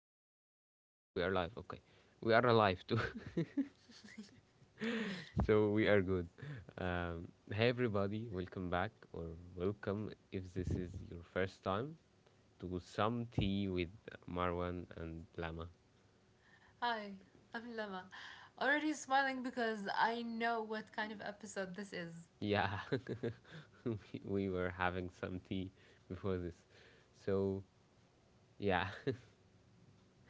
we are alive. We are alive. Okay, we are alive too. So we are good. Hey everybody, welcome back or welcome if this is your first time to Some Tea with Marwan and Lama. Hi, I'm Lama. Already smiling because I know what kind of episode this is. Yeah, we we were having some tea before this. So yeah,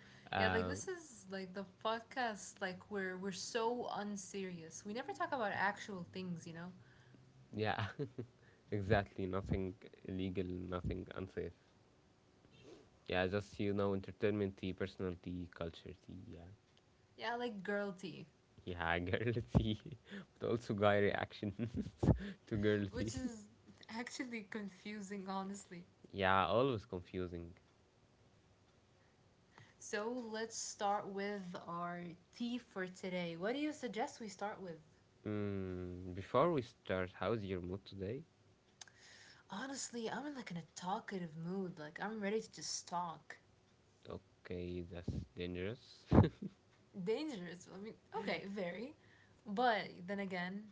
Yeah, like um, this is like the podcast like where we're so unserious. We never talk about actual things, you know? yeah, exactly. Nothing illegal. Nothing unsafe. Yeah, just you know, entertainment tea, personal tea, culture tea. Yeah. Yeah, like girl tea, Yeah, girl C. But also guy reactions to girl C. which is actually confusing, honestly. Yeah, always confusing. So let's start with our tea for today. What do you suggest we start with? Mm, before we start, how's your mood today? Honestly, I'm in like in a talkative mood. Like I'm ready to just talk. Okay, that's dangerous. Dangerous. I mean, okay, very. But then again,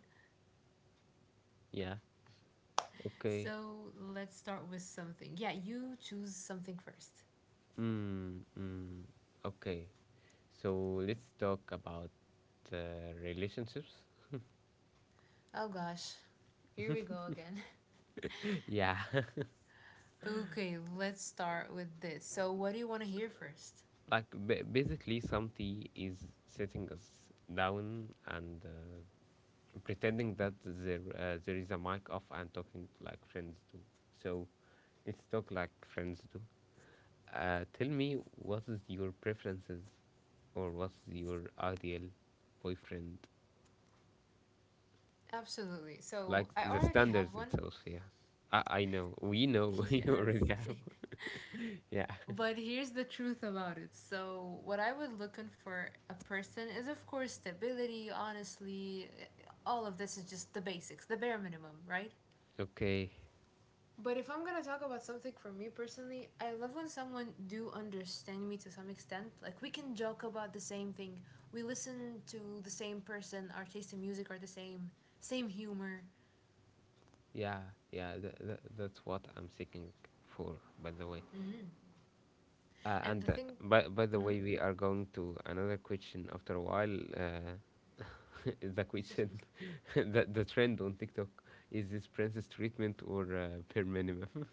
Yeah, okay. so let's start with something. Yeah, you choose something first. Mm, mm, okay, so let's talk about relationships. Oh gosh, here we go again. Yeah, Okay, let's start with this. So, what do you want to hear first? Basically, something is setting us down and pretending that there is a mic off and talking like friends do. So let's talk like friends do. Tell me what is your preferences or what's your ideal boyfriend? Absolutely. So, Like I the already have standards one. itself, yeah. I know. We know you already Yes. have. Yeah. But here's the truth about it. So, what I would looking for a person is, of course, stability, honestly. All of this is just the basics, the bare minimum, right? Okay. But if I'm gonna talk about something for me personally, I love when someone do understand me to some extent. Like we can joke about the same thing. We listen to the same person. Our taste in music are the same. Same humor. Yeah. Yeah. That's what I'm seeking for, by the way. Hmm. Uh, And the and uh, thing, by by the hmm way, we are going to another question after a while. The question the trend on TikTok is this princess treatment or per minimum.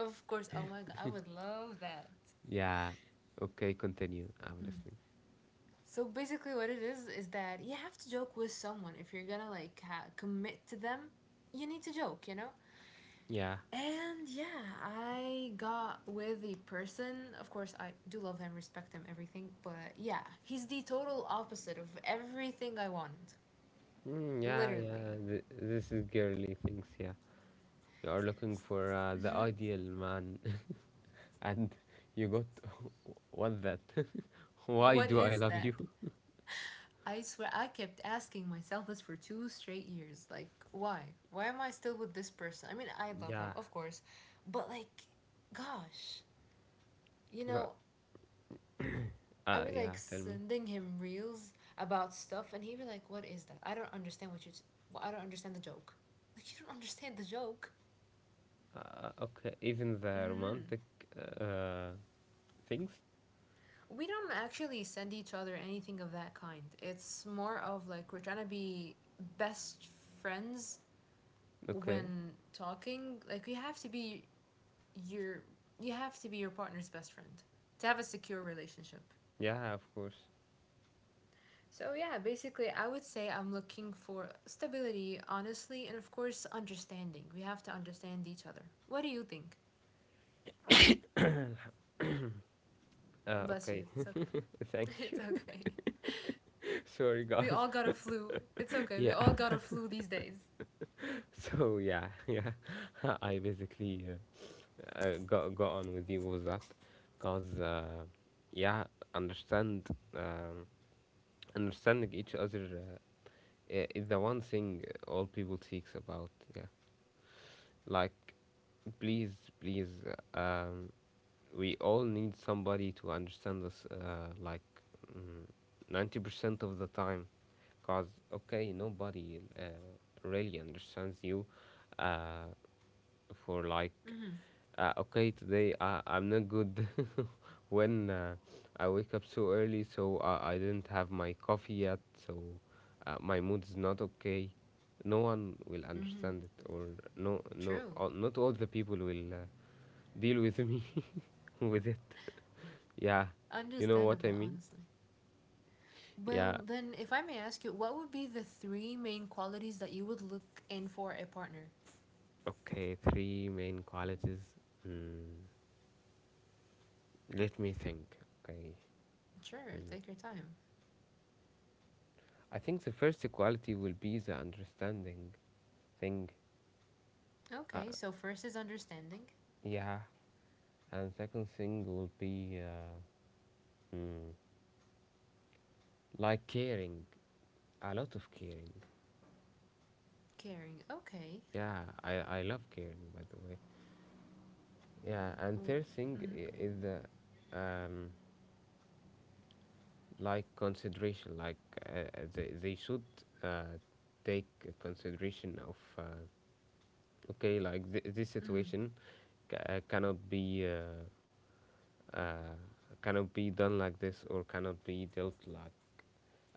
of course. Oh my god, I would love that. Yeah. Okay, continue. I'm listening. So basically, what it is that you have to joke with someone if you're gonna like commit to them. You need to joke. Yeah. And yeah, I got with the person. Of course, I do love him, respect him, everything. But yeah, he's the total opposite of everything I wanted. Mm, yeah, Literally. yeah. This is girly things. Yeah. You are looking for the ideal man, and you got what that? Why What do I is love that? you? I swear, I kept asking myself this for two straight years. Like, why? Why am I still with this person? I mean, I love him, Yeah. of course. But like, gosh, you lo- know, I be like yeah. Tell me. sending him reels about stuff, and he be like, "What is that? I don't understand what you. Well, I don't understand the joke. Like you don't understand the joke." Okay. Even the romantic Hmm. uh, things. We don't actually send each other anything of that kind. It's more of like we're trying to be best friends Okay. when talking. Like you have to be your you have to be your partner's best friend to have a secure relationship. Yeah, of course. So, yeah, basically, I would say I'm looking for stability, honestly, and of course, understanding. We have to understand each other. What do you think? Bless you. okay. It's okay. Thank It's you. okay. Sorry, We all guys. got a flu. It's okay. We Yeah. all got a flu these days. So yeah, yeah. I basically got on with you with that, cause yeah, understand um, understanding each other is the one thing all people seeks about. Yeah. Like, please, please, um, we all need somebody to understand us. Like, mm, 90% of the time, cause okay, nobody really understands you. Uh, for like Mm-hmm. Okay today I'm not good when I wake up so early so I didn't have my coffee yet so my mood's not okay, no one will Mm-hmm. understand it or no True. Not all the people will deal with me with it, yeah, you know what I Understandable, mean? honestly. Yeah, Well, then, if I may ask you, what would be the three main qualities that you would look in for a partner? okay, three main qualities. Hmm. Let me think. Okay, Sure, take your time. I think the first equality will be the understanding thing, Okay, so first is understanding, yeah, and second thing will be hmm, like caring, a lot of caring. caring. Okay. Yeah, I love caring by the way. Yeah, and third thing Mm-hmm. is the um, like consideration, like uh, they should uh, take consideration of okay, like this Mm-hmm. situation ca- uh, cannot be. Uh, uh, cannot be done like this or cannot be dealt like.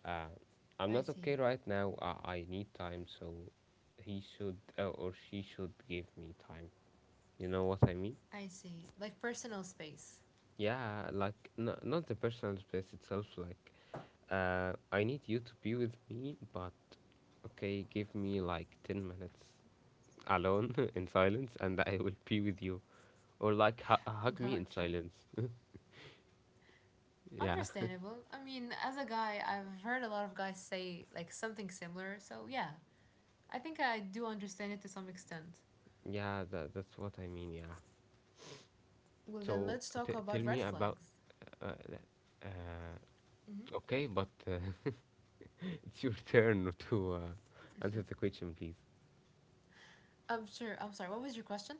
Uh, I'm I not okay see. right now. I need time, so he should or she should give me time. You know what I mean? I see. Like personal space. Yeah, like not the personal space itself. Like I need you to be with me, but okay, give me like 10 minutes alone in silence, and I will be with you. Or like hug me in Gotcha. silence. Yeah, Understandable. I mean, as a guy, I've heard a lot of guys say like something similar. So, yeah, I think I do understand it to some extent. yeah, that, that's what I mean. Yeah. Well, then So let's talk tell about red me about. flags. Uh, uh, okay, but it's your turn to answer the question, please. I'm sure. I'm sorry. What was your question?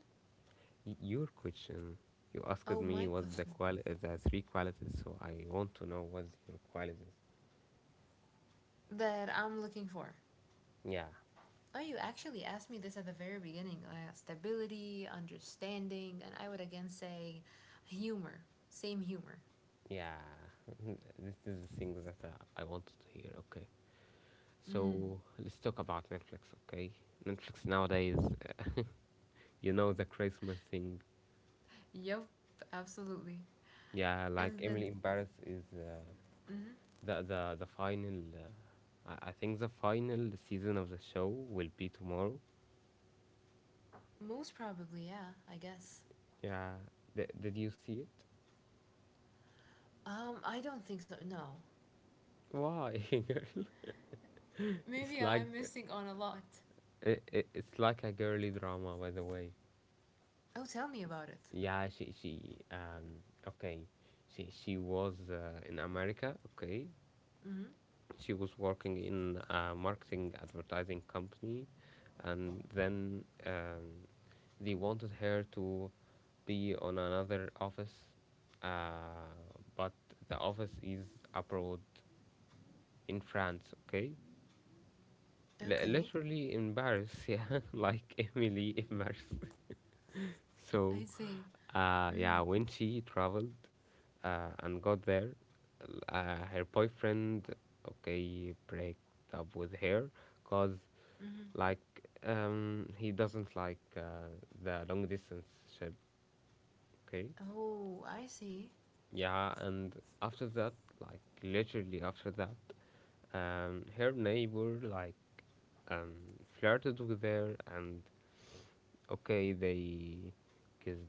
Your question. You asked Oh, me my what's the question. The three qualities, so I want to know what's your qualities. That I'm looking for. Yeah, Oh, you actually asked me this at the very beginning. Stability, understanding, and I would again say humor. Same humor. yeah. This is the thing that I wanted to hear. Okay, Mm. so let's talk about Netflix. Okay, Netflix nowadays, you know the Christmas thing. Yep, absolutely. Yeah, like And Emily then, in Paris is. Mhm. The final. I think the final season of the show will be tomorrow. Most probably, yeah, I guess. Yeah. Did you see it? I don't think so. No. Why? It's Maybe I'm like missing on a lot. It's like a girly drama, by the way. Oh, tell me about it. Yeah. She um okay. She was in America. Okay. Mm-hmm. She was working in a marketing advertising company and then they wanted her to be on another office uh, but the office is abroad in France, okay. Okay. Literally in Paris, yeah, like Emily in Paris. So, I see. Mm-hmm. yeah, when she traveled and got there, her boyfriend, okay, break up with her because, Mm-hmm. like, he doesn't like the long distance ship, okay? Oh, I see. Yeah, and after that, like, literally after that, her neighbor, like, um, flirted with her and, okay, they kissed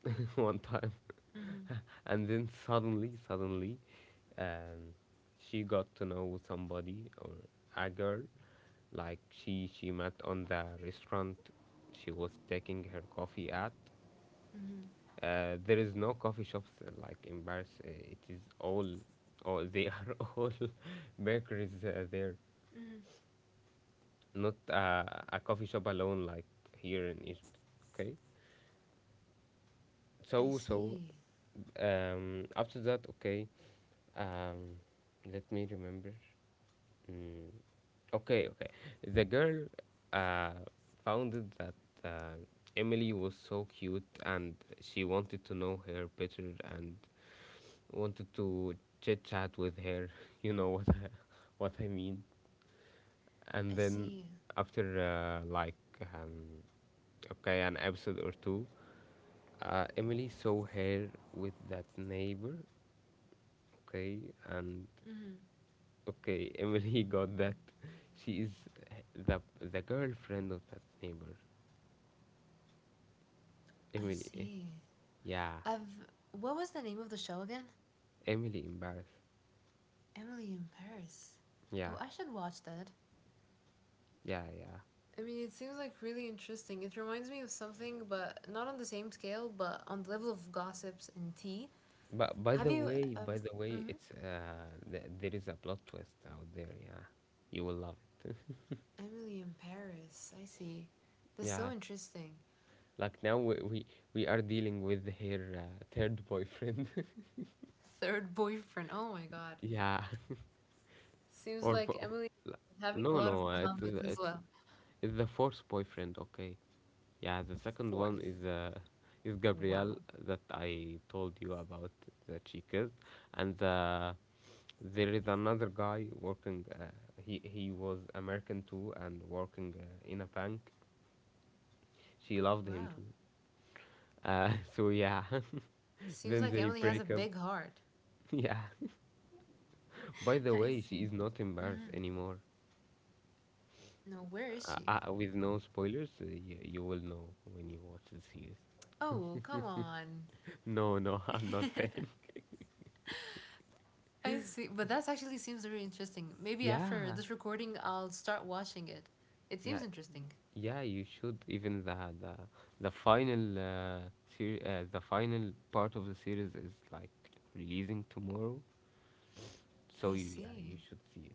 one time. Mm-hmm. And then suddenly, suddenly, um, she got to know somebody or a girl, like she met on the restaurant she was taking her coffee at. Mm-hmm. There is no coffee shops like in Paris. It is all they are all bakeries there, Mm-hmm. not a coffee shop alone like here in Egypt. Okay. I So so see. um, after that, okay. Um, let me remember. Mm, okay, okay. The girl uh, found that uh, Emily was so cute and she wanted to know her better and wanted to chit chat with her. You know what what I mean. And I then see. after um, okay an episode or two, Emily saw her with that neighbor. Okay, and Mm-hmm. okay, Emily got that. She is the girlfriend of that neighbor. I Emily. Eh? see. Yeah, I've. What was the name of the show again? Emily embarrassed. Emily in Paris. Yeah, Oh, I should watch that. yeah, yeah. I mean, it seems like really interesting. It reminds me of something, but not on the same scale, but on the level of gossips and tea. But Have you. Uh, by the way, mm-hmm. There is a plot twist out there. Yeah, you will love it. Emily in Paris. I see. That's Yeah, so interesting. like now we are dealing with her third boyfriend. Third boyfriend. Oh my god. Yeah, Seems or like for, Emily is having a no, lot of no, Mohammeds as well. it's the fourth boyfriend. Okay, yeah, the second one Fourth. is Gabrielle Wow. that I told you about that she kissed, and there is another guy working. He was American too and working in a bank. She loved him Wow. too. So yeah, Seems then like they Emily has a break up. big heart. Yeah. By the I way, she see. is not embarrassed anymore. No, where is she? With no spoilers, you will know when you watch the series. Oh, come on. No, no, I'm not telling. I see, but that actually seems very interesting. Maybe after Yeah, this recording, I'll start watching it. It yeah. seems interesting. Yeah, you should. Even the the final the final part of the series is like releasing tomorrow, so I yeah, you see. should see it.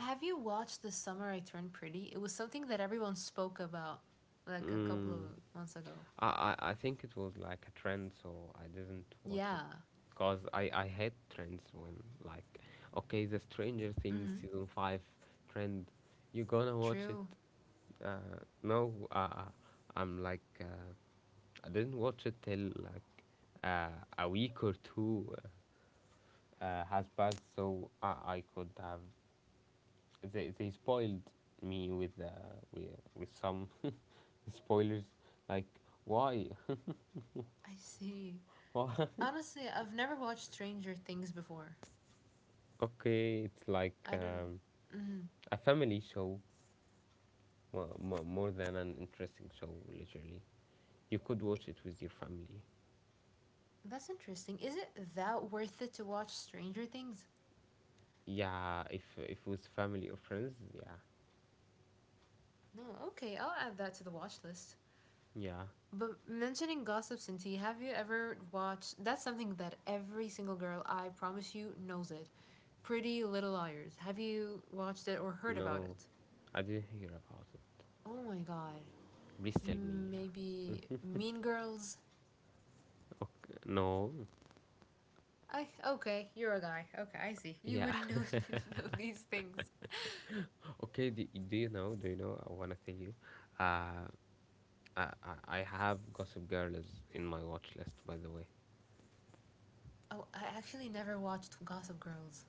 Have you watched The Summer I Turned Pretty? It was something that everyone spoke about like a couple of Mm, months ago. I, I think it was like a trend, so I didn't watch it, Yeah. cause I hate trends when like, okay, the Stranger Things Mm-hmm. season five trend, you gonna watch it? True. Uh, no, uh, uh, I'm like I didn't watch it till like uh, a week or two has passed, so I could have, they spoiled me with some spoilers like why I see. why. Honestly, I've never watched Stranger Things before. Okay, it's like I don't. Mm-hmm. a family show, more than an interesting show, literally. You could watch it with your family. That's interesting. Is it that worth it to watch Stranger Things? Yeah, if with family or friends, yeah, No. Okay, I'll add that to the watch list. yeah. But mentioning gossip, Cinti, have you ever watched? That's something that every single girl, I promise you, knows it. Pretty Little Liars. Have you watched it or heard about No, it? I didn't hear about it. Oh my god. Please tell me. Yeah. Maybe Mean Girls. Okay. No. I okay. You're a guy. Okay, I see. You Yeah. wouldn't know, know these things. Okay. Do you know? Do you know? I wanna tell you. Uh, I have Gossip Girl is in my watch list. By the way, Oh, I actually never watched Gossip Girls.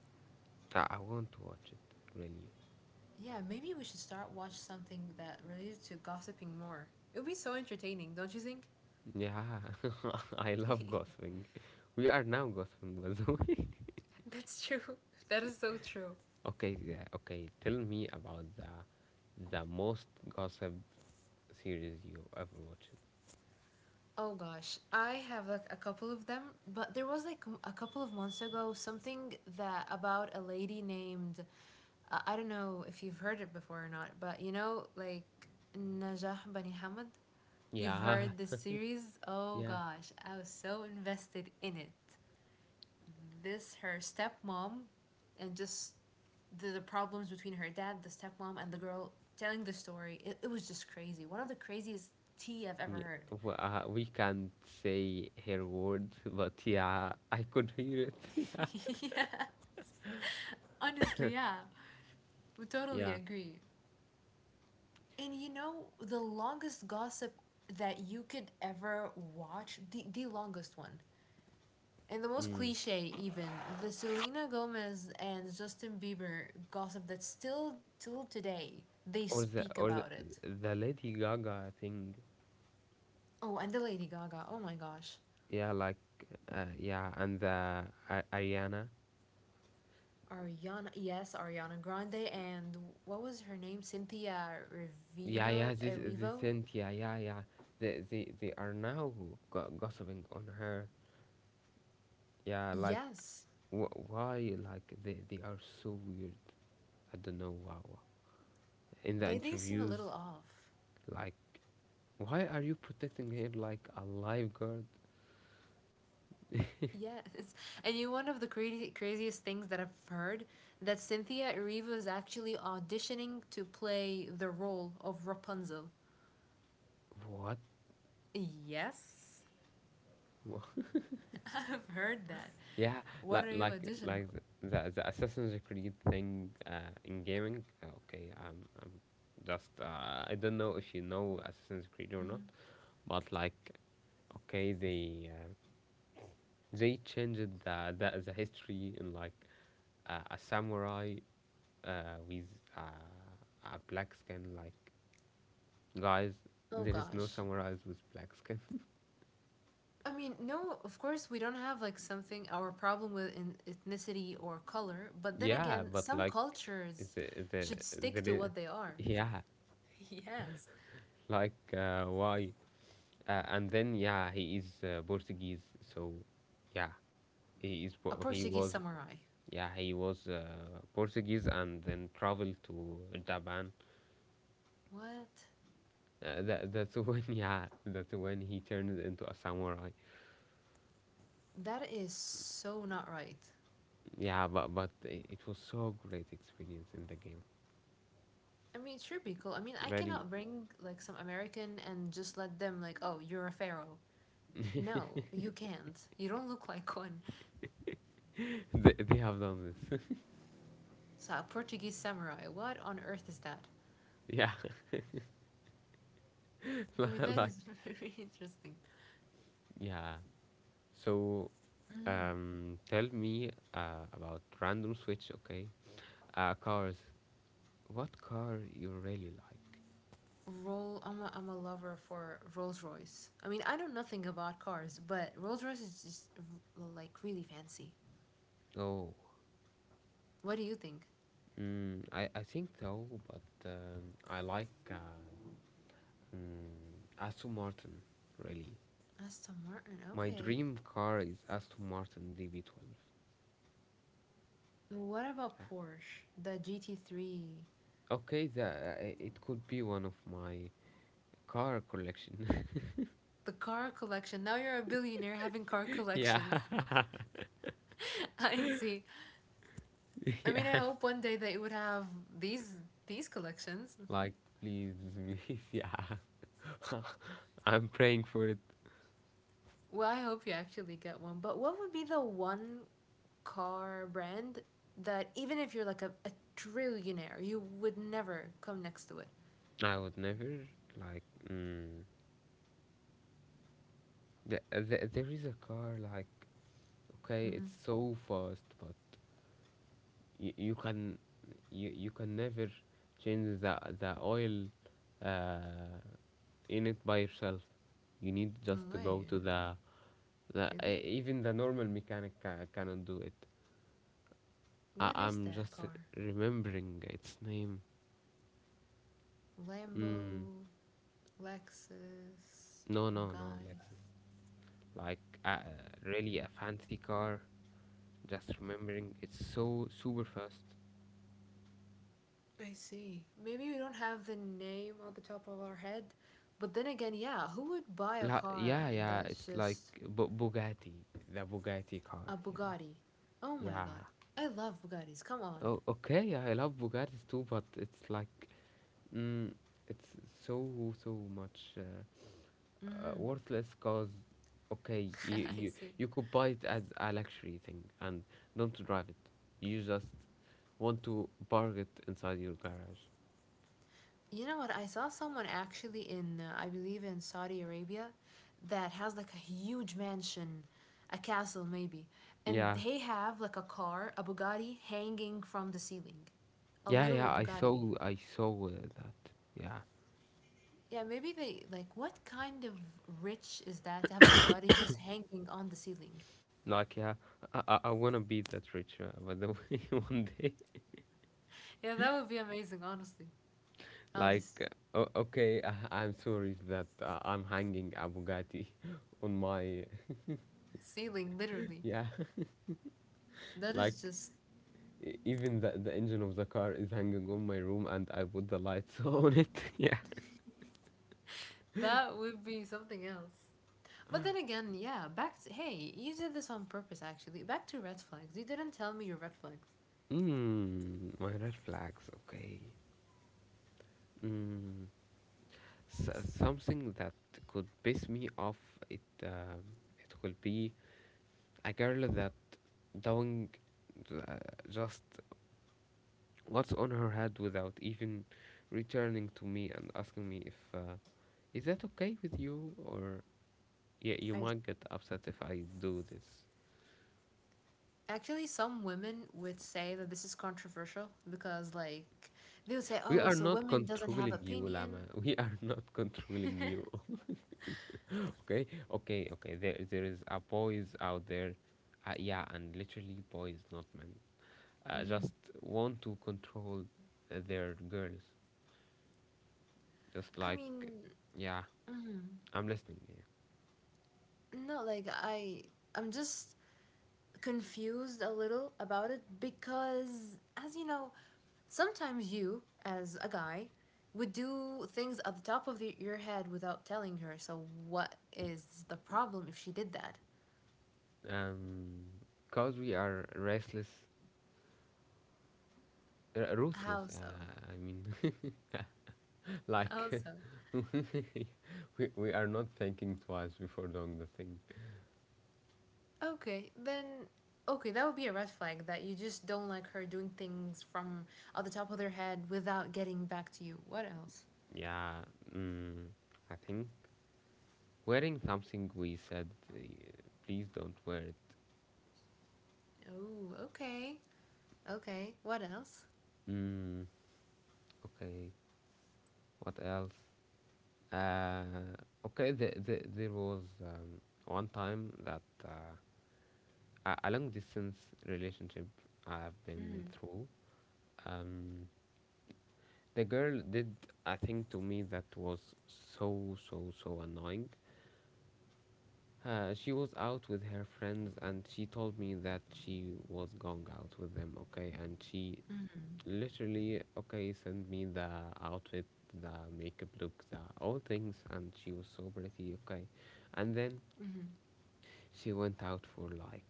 I want to watch it. Really. Yeah, maybe we should start watch something that related to gossiping more. It would be so entertaining, don't you think? Yeah. I love gossiping. We are now gossiping. By the way. That's true. That is so true. Okay. Yeah. Okay. Tell me about the most gossip series you ever watched. Oh gosh, I have like a couple of them, but there was like a couple of months ago something that about a lady named I don't know if you've heard it before or not, but you know like Najah Bani Hamad. You've Yeah. heard this series? Oh Yeah. gosh, I was so invested in it. This her stepmom and just the problems between her dad, the stepmom and the girl telling the story. It was just crazy. One of the craziest tea I've ever Yeah, heard. We can't say her words, but yeah, I could hear it. Yeah, Yes. Honestly, yeah. We totally yeah. agree. And you know, the longest gossip that you could ever watch, the longest one, and the most Mm. cliche even, the Selena Gomez and Justin Bieber gossip that still till today they Or the speak or the, about it. the Lady Gaga thing. Oh, and the Lady Gaga. Oh my gosh. Yeah, like yeah, and the Ariana. Ariana, yes, Ariana Grande and what was her name? Cynthia Yeah, Rivino, yeah. This Erivo? Cynthia. Yeah, yeah. Yeah. They are now gossiping on her. Yeah, like Yes. Why? Like they are so weird. I don't know. Wow. In the They seem a little interviews, off. like, why are you protecting her like a lifeguard? Yes, and you know, one of the crazy, craziest things that I've heard that Cynthia Erivo is actually auditioning to play the role of Rapunzel. What? Yes, Wha- I've heard that. Yeah, What like are you like auditioning like for? the the, the Assassin's Creed thing in gaming. Okay, I'm just I don't know if you know Assassin's Creed or not, but like, okay, they changed the history in like a samurai with a black skin. Like, guys, Oh there is no gosh. samurais with black skin. I mean, no, of course we don't have like something our problem with in ethnicity or color, but then Yeah, again, but some like cultures the the should stick the to re- what they are. yeah, Yes. like why? And then yeah, he is Portuguese, so yeah, he is A Po- he Portuguese was samurai. yeah he was Portuguese and then traveled to Japan. What? That that's when yeah that's when he turned into a samurai. That is so not right. Yeah, but it was so great experience in the game. I mean, it should be cool. I mean, I Really, cannot bring like some American and just let them like, oh, you're a pharaoh. No, you can't. You don't look like one. They have done this. So a Portuguese samurai. What on earth is that? Yeah, I mean, that like is very interesting. yeah. So tell me about random switch, okay? Cars. What car you really like? Roll. I'm a lover for Rolls Royce. I mean, I know nothing about cars, but Rolls Royce is just like really fancy. Oh, What do you think? I think so, but I like Aston Martin really. Aston Martin. My Okay. dream car is Aston Martin DB12. What about Yeah. Porsche? The GT3? Okay, it could be one of my car collection. The car collection. Now you're a billionaire having car yeah, collections. I see. I mean, I yeah. hope one day that you would have these these collections. Like please, please, yeah. I'm praying for it. Well, I hope you actually get one. But what would be the one car brand that even if you're like a trillionaire, you would never come next to it? I would never like. Mm, there is a car like okay, it's Mm-hmm. so fast, but you, you can you can never change the oil uh, in it by yourself. You need No just to go way. to the Really? even the normal mechanic cannot do it. I, What is I'm that just car? remembering its name. Mm, Lambo, Lexus, no, no, no, Bugatti. Lexus. Like really a fancy car. Just remembering, it's so super fast. I see. Maybe we don't have the name on the top of our head, but then again, yeah, who would buy a car Yeah, yeah, that's it's like just Bu- Bugatti, the Bugatti car. a Yeah, Bugatti? Oh my god. yeah. I love Bugattis. Come on. Oh, okay, yeah, I love Bugattis too, but it's like, mm, it's so so much Mhm. worthless. Cause, okay, you I you see. you could buy it as a luxury thing and don't drive it. You just want to park it inside your garage. You know what? I saw someone actually in I believe in Saudi Arabia that has like a huge mansion, a castle maybe, and Yeah, they have like a car, a Bugatti hanging from the ceiling. A yeah, literal yeah. I Bugatti. saw I saw uh, that. Yeah. Yeah, maybe they like what kind of rich is that to have a Bugatti just hanging on the ceiling? Like, yeah, I wanna be that rich, by the way, one day. Yeah, that would be amazing, honestly. I'll Like, just okay, I, I'm sorry that I'm hanging a Bugatti on my— ceiling literally. yeah, That is like just even the engine of the car is hanging on my room and I put the lights on it. yeah. that would be something else. But then again, yeah, back to hey, you did this on purpose actually. Back to red flags. You didn't tell me your red flags. My red flags, okay. Mm, so, something that could piss me off, it, um it will be a girl that doing uh, just what's on her head without even returning to me and asking me if is that okay with you, or yeah you I might get upset if I do this. actually some women would say that this is controversial because like they would say, We "Oh, are so not women doesn't have controlling you, Lama, opinion." we are not controlling you. okay okay, there is a boys out there, yeah, and literally boys not men, Hmm. just want to control their girls, just I like, mean, yeah, mhm. I'm listening. No, like I'm just confused a little about it because as you know, sometimes you as a guy would do things at the top of your head without telling her. So what is the problem if she did that? Yeah, because we are ruthless. How so? I mean, How like so? we are not thinking twice before doing the thing. Okay, then okay, that would be a red flag that you just don't like her doing things from at the top of their head without getting back to you. What else? Yeah, mm, I think wearing something we said, please don't wear it. Oh, okay. Okay. What else? Mm, okay, what else? Uh, okay, there was one time that a long distance relationship I've been Mm. through. Um, The girl did a thing to me that was so, so, so annoying. She was out with her friends and she told me that she was going out with them, okay? And she literally, okay, sent me the outfit, the makeup look, the all things, and she was so pretty, okay? And then Mm-hmm. she went out for like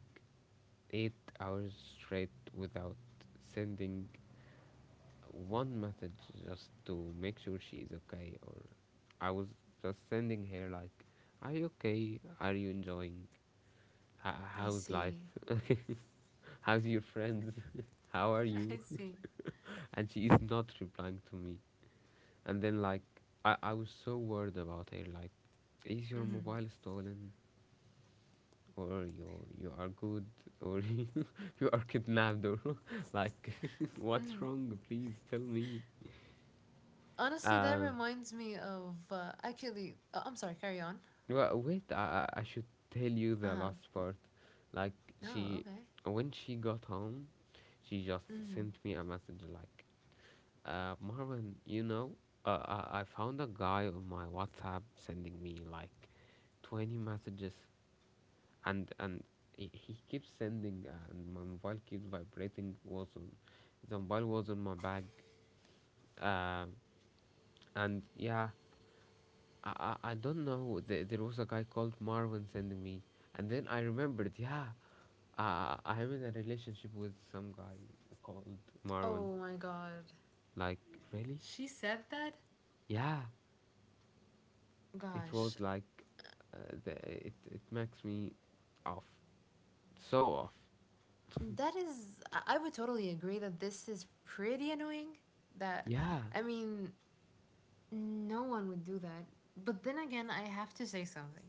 8 hours straight without sending one message just to make sure she is okay. Or I was just sending her like, are you okay, are you enjoying, I how's life, see. how's your friends, how are I you? see. And she is not replying to me, and then like, I was so worried about her, like, is your Mm-hmm. mobile stolen, or you are good, or you are kidnapped, or like, what's Mm-hmm. wrong, please tell me. Honestly, that uh, reminds me of actually. I'm sorry. Carry on. Well, wait, I should tell you Uh the huh. last part. Like, Oh, she, okay. when she got home, she just Mm-hmm. sent me a message like, Marvin, you know, I found a guy on my WhatsApp sending me like 20 messages, and he keeps sending, and my mobile keeps vibrating. Was on, the mobile was on my bag, uh, and yeah, I don't know. There was a guy called Marvin sending me, and then I remembered. Yeah, I'm in a relationship with some guy called Marvin. Oh my God. Like really? She said that. Yeah. It was Gosh, like, it it makes me off, so off. that is. I would totally agree that this is pretty annoying. That, Yeah. I mean, no one would do that. But then again, I have to say something.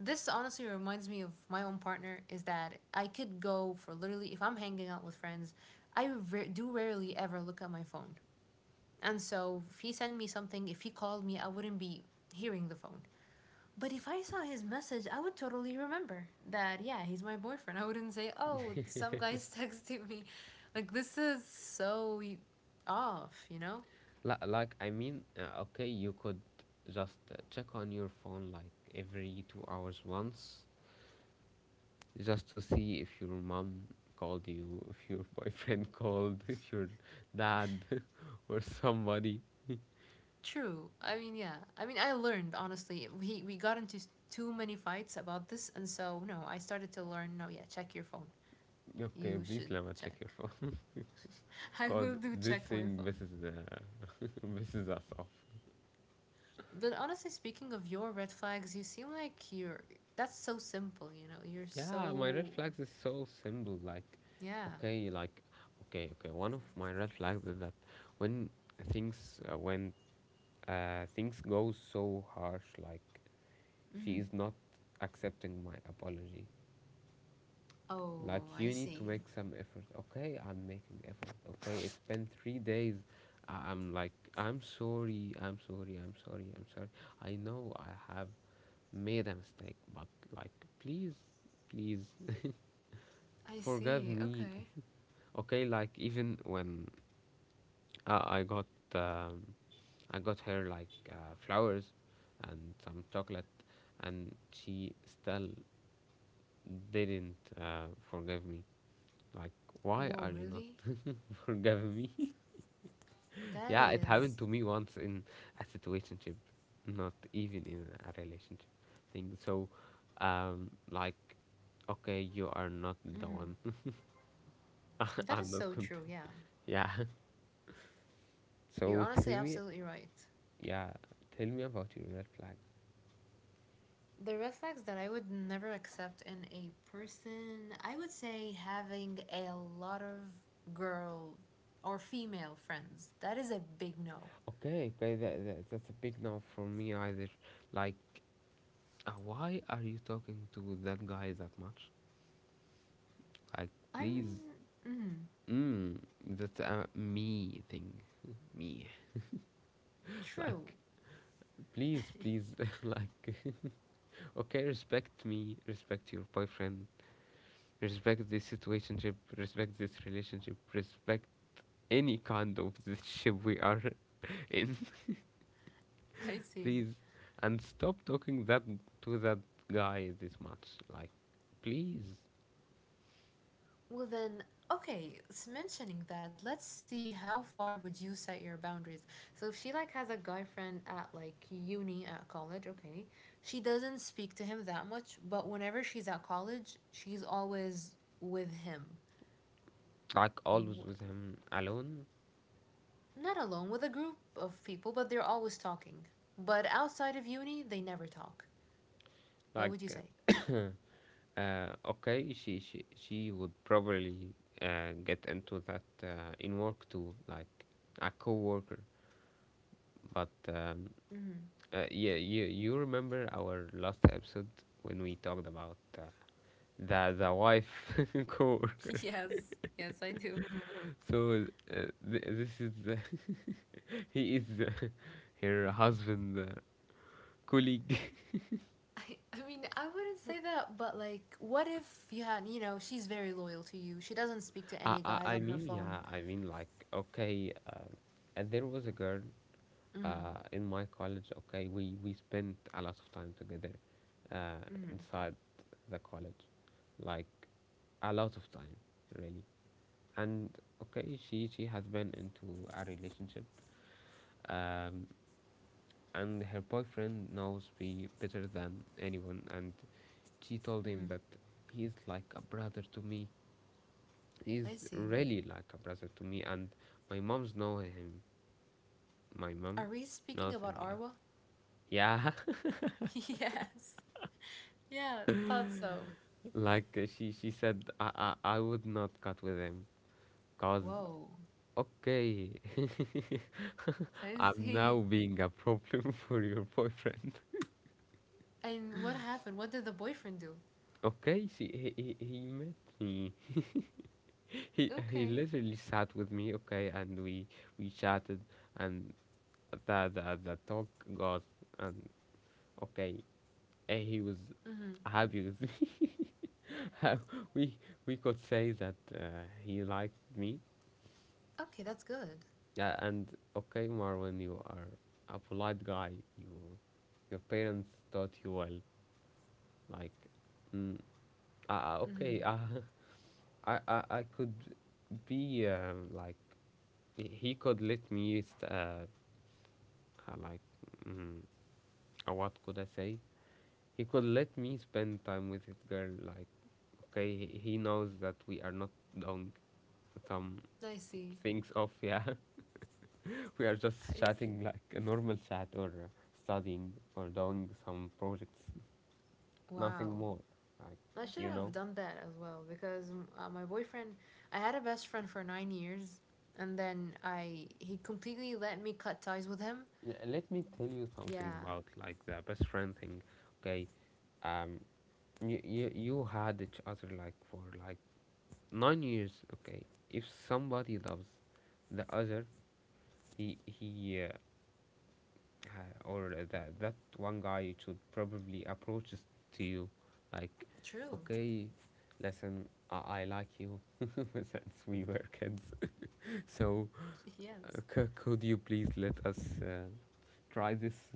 This honestly reminds me of my own partner is that I could go for literally, if I'm hanging out with friends, I do rarely ever look at my phone. And so if he sent me something, if he called me, I wouldn't be hearing the phone. But if I saw his message, I would totally remember that, yeah, he's my boyfriend. I wouldn't say, oh, some guy's texting me. Like, this is so off, you know? Like I mean, okay, you could just check on your phone like every 2 hours once, just to see if your mom called you, if your boyfriend called, if your dad or somebody. True. I mean, yeah. I mean, I learned honestly. We got into too many fights about this, and so no, I started to learn. No, yeah, check your phone. Okay, You please should Lama, check check. your phone, I because will do this check my thing phone. misses misses us off. But honestly, speaking of your red flags, you seem like you're. That's so simple, you know. You're Yeah, my red so flags is so simple. Yeah. Like, okay, okay. One of my red flags is that when when things go so harsh, like, she Mm. is not accepting my apology. Oh, Like, I you need to see. make some effort. Okay, I'm making effort. Okay, it's been 3 days. I'm like, I'm sorry, I'm sorry, I'm sorry, I'm sorry. I know I have made a mistake, but like, please, please, I forgive see. me. Okay. Okay, like even when uh, I got, um, I got her like flowers and some chocolate, and she still didn't forgive me. Like, why are Whoa, you not really? forgiving me? That yeah, it happened is. to me once in a situationship, not even in a relationship thing. So, like, okay, you are not the Mhm. one. That is I'm not so true. content. Yeah, Yeah. you're So honestly tell me, absolutely right. yeah, tell me about your red flag. The red flags that I would never accept in a person, I would say having a lot of girl or female friends. That is a big no. Okay, okay, that that's a big no for me either. Like, why are you talking to that guy that much? Like, I please. mean, mm, Mm, that's a me thing. me. true. Like, please, please, like, okay, respect me, respect your boyfriend, respect this situationship, respect this relationship, respect any kind of this ship we are in, I see. please. And stop talking that to that guy this much. Like, please. Well then, okay, mentioning that, let's see how far would you set your boundaries. So if she like has a guy friend at like uni at college, okay, she doesn't speak to him that much, but whenever she's at college, she's always with him. Like, always Wh- with him alone. Not alone with a group of people, but they're always talking. But outside of uni, they never talk. What Like, would you say? Okay, she would probably get into that in work too, like a coworker. But yeah, you remember our last episode when we talked about the wife coworker. Yes, yes, I do. So this is he is her husband colleague. I mean, I wouldn't say that, but like, what if you had, she's very loyal to you. She doesn't speak to I, any I guys I on her mean phone. yeah, I mean like okay. And there was a girl Mm hmm. In my college, okay, we spent a lot of time together uh, Mm hmm. inside the college, like a lot of time, really. And okay, she has been into a relationship, um, and her boyfriend knows me better than anyone. And she told Mm hmm. him that he's like a brother to me. I He's see. really like a brother to me, and my mom's know him. My mom Are we speaking knows about him, yeah. Arwa? Yeah. Yes. Yeah, thought so. Like she said, I would not cut with him, cause Whoa. okay, I I'm now see. being a problem for your boyfriend. And what happened? What did the boyfriend do? Okay, he met me. He Okay. literally sat with me. Okay, and we chatted, and the talk got, and okay, he was Mm hmm. happy with me. Uh, we we could say that he liked me. Okay, that's good. Yeah, and okay, Marvin, you are a polite guy. You, your parents taught you well. Like, mm, Hmm. okay, I could be like, he could let me, like, mm, what could I say? He could let me spend time with his girl. Like, okay, he knows that we are not doing some I see. things off. Yeah, we are just I see. chatting like a normal chat, or studying or doing some projects, nothing Wow. more. Like, I should you have know? done that as well because my boyfriend, I had a best friend for 9 years, and then I he completely let me cut ties with him. Yeah, let me tell you something Yeah, about like the best friend thing. Okay. Um, you, you had each other like for like 9 years. Okay. If somebody loves the other, he, he, uh, or that that one guy should probably approach to you like, true. okay, listen, I like you since we were kids, so Yes. Could you please let us try this.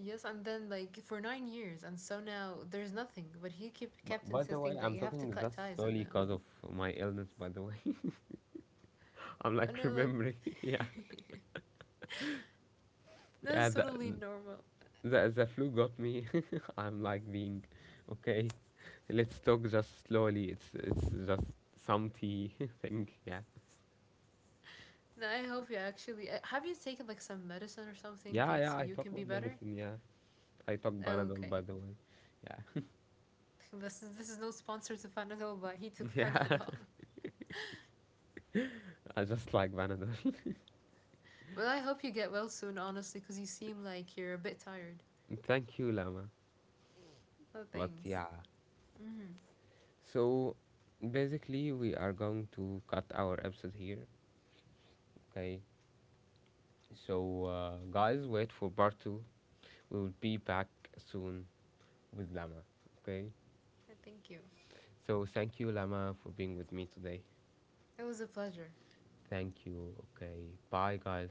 Yes, and then like for 9 years, and so now there's nothing. But he keep kept By the way, insisting that I'm you have to talking cut just ties with slowly them, because of my illness, by the way. I'm and like I'm like, remembering, yeah. Yeah, that's the, totally normal. the, the flu got me. I'm like being okay, let's talk just slowly, it's just some tea thing, yeah. And I hope you actually have you taken like some medicine or something Yeah, yeah, so I you talk can my be better. medicine, yeah. I talk Banadol, Okay. by the way. Yeah. This is no sponsor to Panadol, but he took Yeah, Panadol. I just like Banadol. Well, I hope you get well soon, honestly, because you seem like you're a bit tired. Thank you, Lama. Oh, But thanks. yeah, Mm-hmm. so basically, we are going to cut our episode here, okay? So, guys, wait for part two. We will be back soon with Lama, okay? Thank you. So, thank you, Lama, for being with me today. It was a pleasure. Thank you, okay? Bye, guys.